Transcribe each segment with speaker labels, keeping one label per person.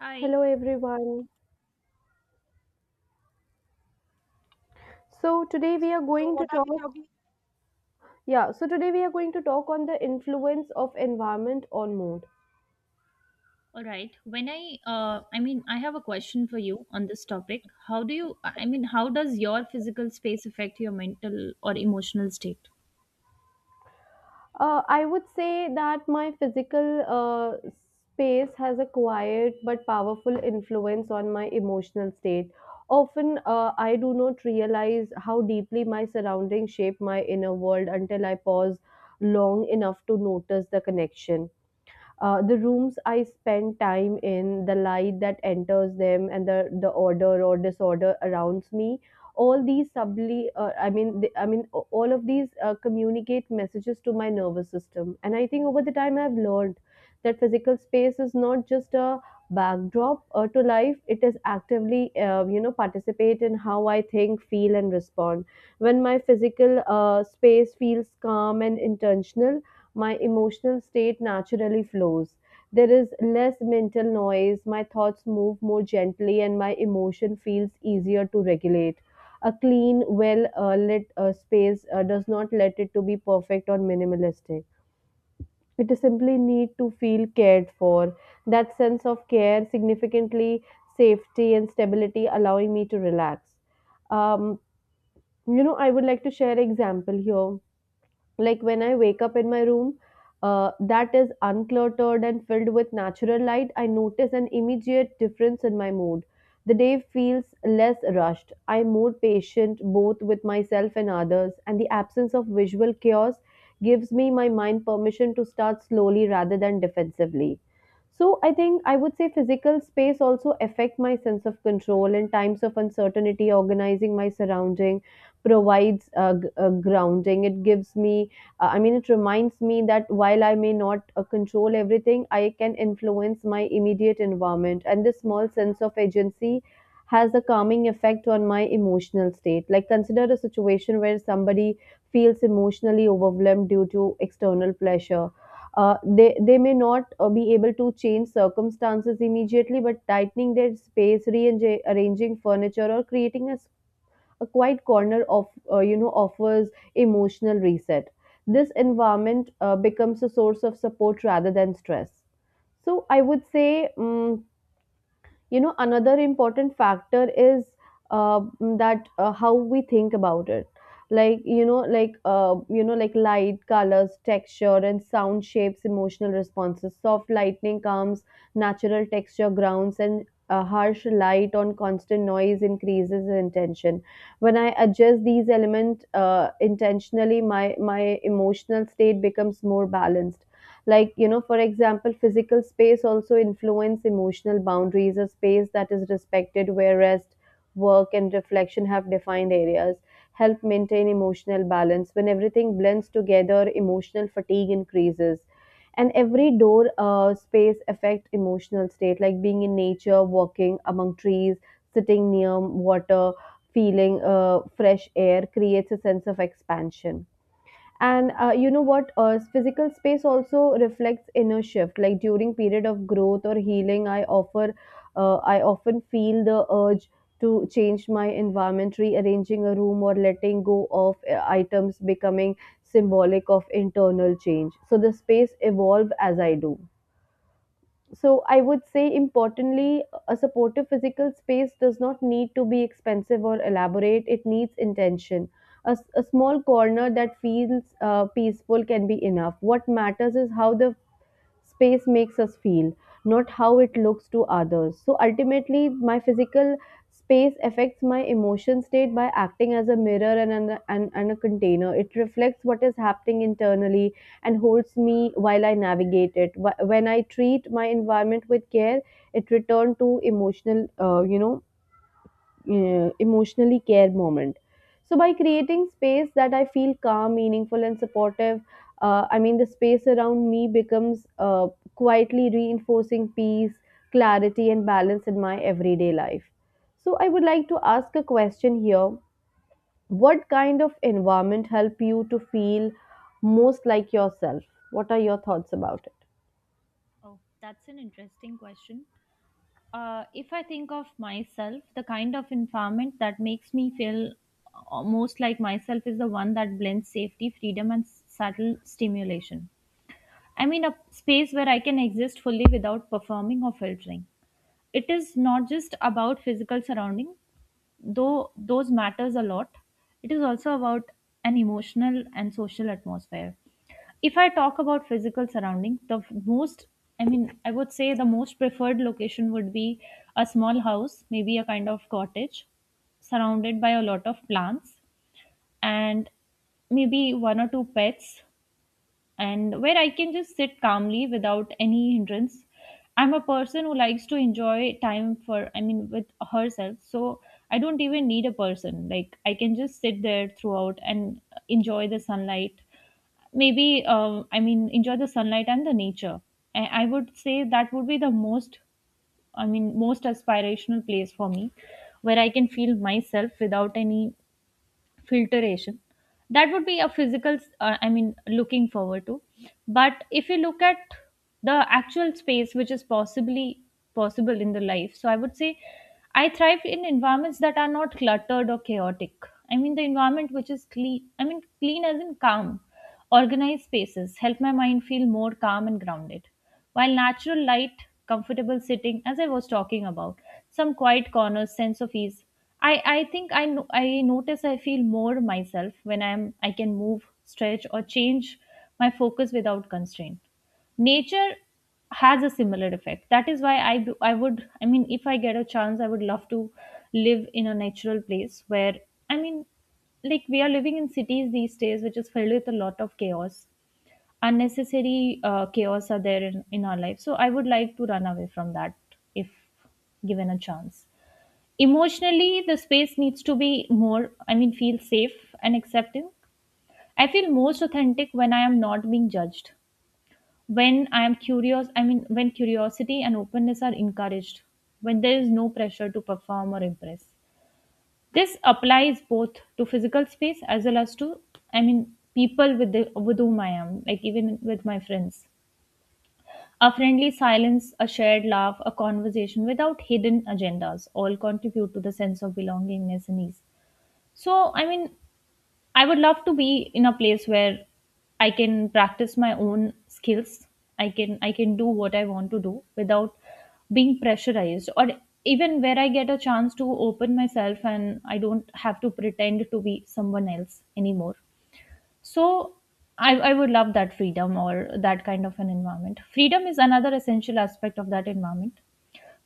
Speaker 1: Hi.
Speaker 2: Hello everyone. So today we are
Speaker 3: So
Speaker 2: going
Speaker 3: what
Speaker 2: to
Speaker 3: are we
Speaker 2: talk
Speaker 3: talking?
Speaker 2: yeah, so today we are going to talk on the influence of environment on mood.
Speaker 1: All right. When I, I have a question for you on this topic. How do you, how does your physical space affect your mental or emotional state?
Speaker 2: I would say that my physical space has a quiet but powerful influence on my emotional state. Often I do not realize how deeply my surroundings shape my inner world until I pause long enough to notice the connection. The rooms I spend time in, the light that enters them, and the order or disorder around me, all these subtly, I mean, the, I mean, a- all of these communicate messages to my nervous system. And I think over the time I've learned that physical space is not just a backdrop to life; it is actively, participate in how I think, feel, and respond when my physical space feels calm and intentional, my emotional state naturally flows. There is less mental noise, my thoughts move more gently, and my emotion feels easier to regulate. A clean, well lit space does not let it to be perfect or minimalistic. It simply need to feel cared for. That sense of care, significantly safety and stability, allowing me to relax. Um, I would like to share example here, like when I wake up in my room that is uncluttered and filled with natural light, I notice an immediate difference in my mood. The day feels less rushed, I'm more patient both with myself and others, and the absence of visual chaos gives me my mind permission to start slowly rather than defensively. So I think I would say physical space also affect my sense of control in times of uncertainty. Organizing my surrounding provides grounding. It gives me it reminds me that while I may not control everything, I can influence my immediate environment. And this small sense of agency has a calming effect on my emotional state. Like, consider a situation where somebody feels emotionally overwhelmed due to external pressure. They may not be able to change circumstances immediately, but tightening their space, rearranging furniture, or creating a quiet corner of offers emotional reset. This environment becomes a source of support rather than stress. So I would say, you know, another important factor is uh, that how we think about it, like light, colors, texture and sound shapes emotional responses. Soft lightning calms, natural texture grounds, and harsh light on constant noise increases intention. When I adjust these elements intentionally, my emotional state becomes more balanced. Like, you know, for example, physical space also influence emotional boundaries. A space that is respected, where rest, work and reflection have defined areas, help maintain emotional balance. When everything blends together, emotional fatigue increases. And every door space affect emotional state, like being in nature, walking among trees, sitting near water, feeling fresh air creates a sense of expansion. And you know what physical space also reflects inner shift. Like during period of growth or healing, I often feel the urge to change my environment. Rearranging a room or letting go of items becoming symbolic of internal change, so the space evolve as I do. So I would say, importantly, a supportive physical space does not need to be expensive or elaborate. It needs intention. A small corner that feels peaceful can be enough. What matters is how the space makes us feel, not how it looks to others. So ultimately, my physical space affects my emotion state by acting as a mirror and a container. It reflects what is happening internally and holds me while I navigate it. When I treat my environment with care, it returns to emotional, emotionally care moment. So, by creating space that I feel calm, meaningful, and supportive, the space around me becomes quietly reinforcing peace, clarity, and balance in my everyday life. So, I would like to ask a question here. What kind of environment help you to feel most like yourself? What are your thoughts about it?
Speaker 1: Oh, that's an interesting question. If I think of myself, the kind of environment that makes me feel most like myself is the one that blends safety, freedom, and subtle stimulation. I mean, a space where I can exist fully without performing or filtering. It is not just about physical surroundings, though those matters a lot. It is also about an emotional and social atmosphere. If I talk about physical surrounding, the f- most I mean I would say the most preferred location would be a small house, maybe a kind of cottage, surrounded by a lot of plants, and maybe one or two pets, and where I can just sit calmly without any hindrance. I'm a person who likes to enjoy time for, I mean, with herself. So I don't even need a person. Like, I can just sit there throughout and enjoy the sunlight. Maybe, I mean, enjoy the sunlight and the nature. I would say that would be the most, I mean, most aspirational place for me where I can feel myself without any filtration. That would be a physical, I mean, looking forward to. But if you look at the actual space which is possibly possible in the life, so I would say I thrive in environments that are not cluttered or chaotic. I mean the environment which is clean, I mean clean as in calm. Organized spaces help my mind feel more calm and grounded. While natural light, comfortable sitting, as I was talking about, some quiet corners, sense of ease. I think I, no- I notice I feel more myself when I can move, stretch, or change my focus without constraint. Nature has a similar effect. That is why I would, I mean if I get a chance, I would love to live in a natural place where, I mean, like we are living in cities these days which is filled with a lot of chaos. Unnecessary chaos are there in our life, so I would like to run away from that if given a chance. Emotionally, the space needs to be more, I mean, feel safe and accepting. I feel most authentic when I am not being judged, when I am curious I mean when curiosity and openness are encouraged, when there is no pressure to perform or impress. This applies both to physical space as well as to, I mean, people with the with whom I am, like even with my friends. A friendly silence, a shared laugh, a conversation without hidden agendas all contribute to the sense of belongingness and ease. So, I mean, I would love to be in a place where I can practice my own skills. I can do what I want to do without being pressurized, or even where I get a chance to open myself and I don't have to pretend to be someone else anymore. So I would love that freedom or that kind of an environment. Freedom is another essential aspect of that environment,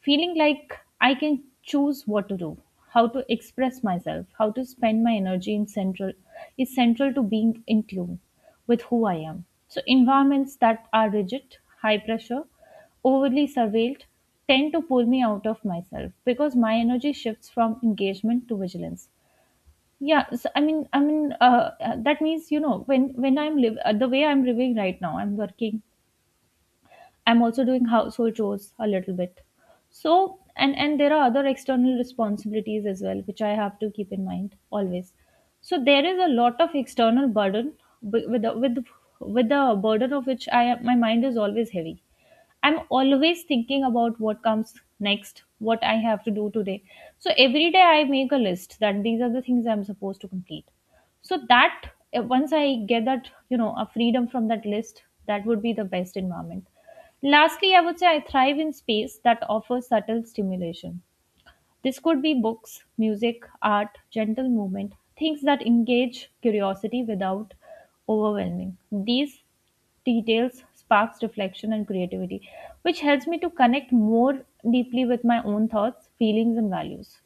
Speaker 1: feeling like I can choose what to do, how to express myself, how to spend my energy. In central Is central to being in tune with who I am. So environments that are rigid, high pressure, overly surveilled tend to pull me out of myself because my energy shifts from engagement to vigilance. Yeah, so that means, you know, when I'm live, the way I'm living right now, I'm working, I'm also doing household chores a little bit. So, and there are other external responsibilities as well, which I have to keep in mind always. So there is a lot of external burden wi- with the, with the, with the burden of which my mind is always heavy. I'm always thinking about what comes next, what I have to do today. So every day I make a list that these are the things I'm supposed to complete, so that once I get that, you know, a freedom from that list, that would be the best environment. Lastly, I would say I thrive in space that offers subtle stimulation. This could be books, music, art, gentle movement, things that engage curiosity without overwhelming. These details sparks reflection and creativity, which helps me to connect more deeply with my own thoughts, feelings, and values.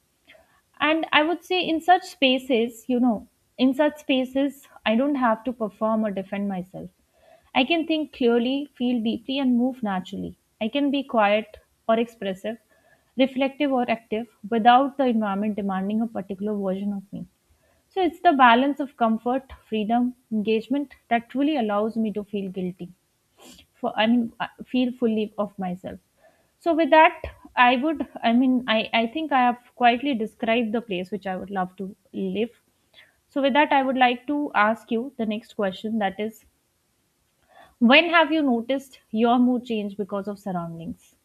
Speaker 1: And I would say in such spaces, I don't have to perform or defend myself. I can think clearly, feel deeply, and move naturally. I can be quiet or expressive, reflective or active, without the environment demanding a particular version of me. So it's the balance of comfort, freedom, engagement that truly allows me to feel guilty for, I mean, I feel fully of myself. So with that, I would I mean I think I have quietly described the place which I would love to live. So with that, I would like to ask you the next question, that is, when have you noticed your mood change because of surroundings?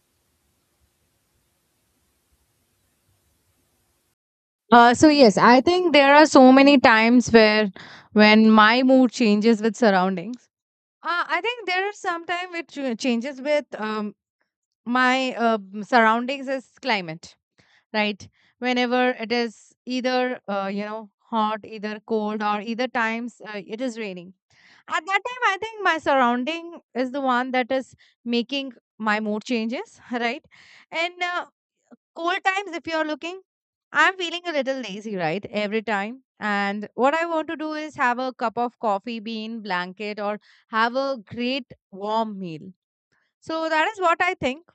Speaker 3: So yes, I think there are so many times where when my mood changes with surroundings. I think there are sometimes it changes with my surroundings is climate, right? Whenever it is either you know hot, either cold, or either times it is raining. At that time, I think my surrounding is the one that is making my mood changes, right? And Cold times, if you're looking, I'm feeling a little lazy, right? Every time. And what I want to do is have a cup of coffee bean, blanket, or have a great warm meal. So that is what I think.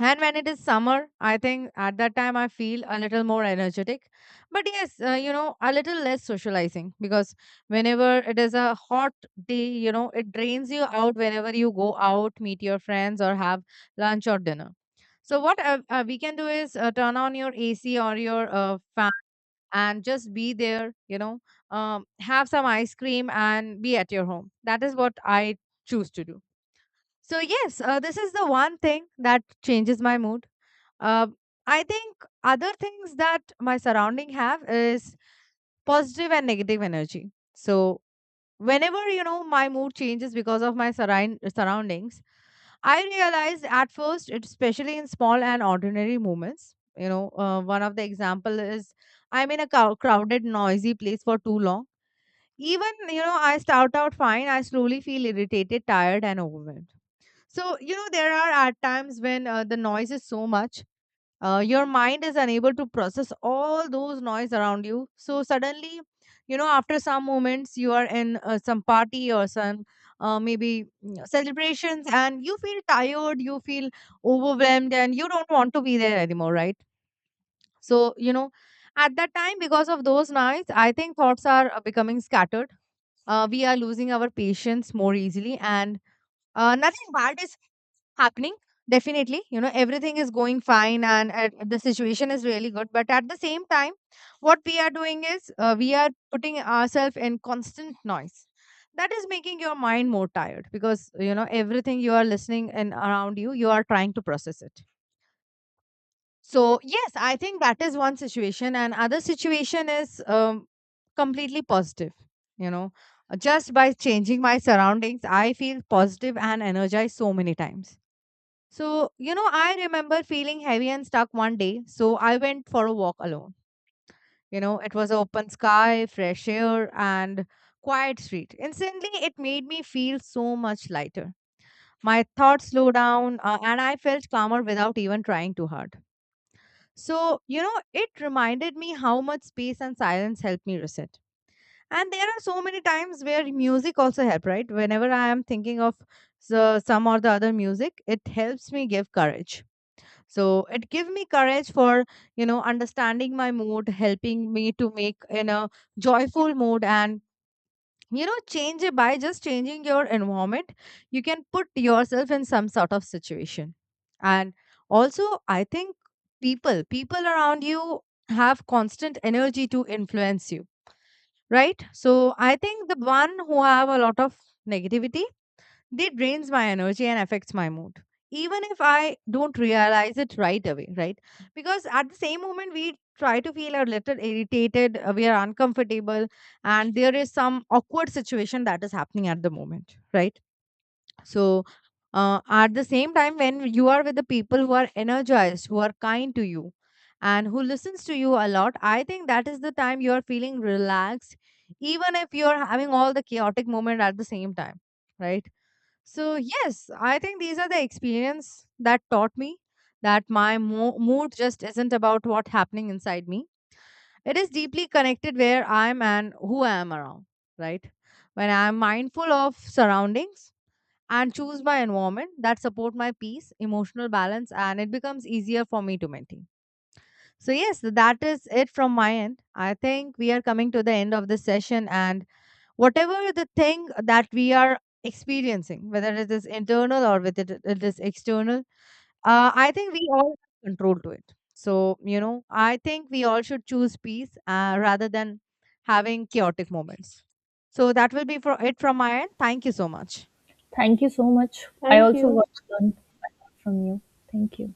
Speaker 3: And when it is summer, I think at that time I feel a little more energetic. But yes, you know, a little less socializing because whenever it is a hot day, you know, it drains you out whenever you go out, meet your friends, or have lunch or dinner. So, what we can do is turn on your AC or your fan and just be there, you know, have some ice cream and be at your home. That is what I choose to do. So, yes, this is the one thing that changes my mood um, I think other things that my surrounding have is positive and negative energy. So whenever you know my mood changes because of my surroundings, I realized at first, it- especially in small and ordinary moments. You know, one of the example is I'm in a crowded, noisy place for too long. Even you know, I start out fine. I slowly feel irritated, tired, and overwhelmed. So you know, there are at times when the noise is so much your mind is unable to process all those noise around you so suddenly you know after some moments you are in some party or some celebrations and you feel tired, you feel overwhelmed and you don't want to be there anymore, right? So you know at that time because of those nights I think thoughts are becoming scattered, we are losing our patience more easily and nothing bad is happening. Definitely, you know everything is going fine and the situation is really good, but at the same time what we are doing is we are putting ourselves in constant noise that is making your mind more tired because you know everything you are listening and around you you are trying to process it. So yes, I think that is one situation and other situation is completely positive. You know, just by changing my surroundings I feel positive and energized so many times. So, you know, I remember feeling heavy and stuck one day. So I went for a walk alone. You know, it was open sky, fresh air, and quiet street. Instantly, it made me feel so much lighter. My thoughts slowed down and I felt calmer without even trying too hard. So, you know, it reminded me how much space and silence helped me reset. And there are so many times where music also help, right? Whenever I am thinking of so, some or the other music, it helps me give courage, so it gave me courage for you know understanding my mood, helping me to make in a joyful mood, and you know change it by just changing your environment. You can put yourself in some sort of situation. And also I think people around you have constant energy to influence you, right? So I think the one who have a lot of negativity, they drains my energy and affects my mood. Even if I don't realize it right away, right? Because at the same moment we try to feel a little irritated, we are uncomfortable, and there is some awkward situation that is happening at the moment, right? So at the same time, when you are with the people who are energized, who are kind to you, and who listens to you a lot, I think that is the time you are feeling relaxed, even if you are having all the chaotic moment at the same time, right? So, yes, I think these are the experience that taught me that my mood just isn't about what's happening inside me. It is deeply connected where I am and who I am around, right? When I am mindful of surroundings and choose my environment that support my peace, emotional balance and it becomes easier for me to maintain. So, yes, that is it from my end. I think we are coming to the end of this session, and whatever the thing that we are experiencing, whether it is internal or whether it is external, I think we all have control to it. So, you know, I think we all should choose peace rather than having chaotic moments. So, that will be for it from my end. Thank you so much.
Speaker 1: Thank you so much. I
Speaker 2: Thank
Speaker 1: also
Speaker 2: you.
Speaker 1: got to learn a lot from you. Thank you.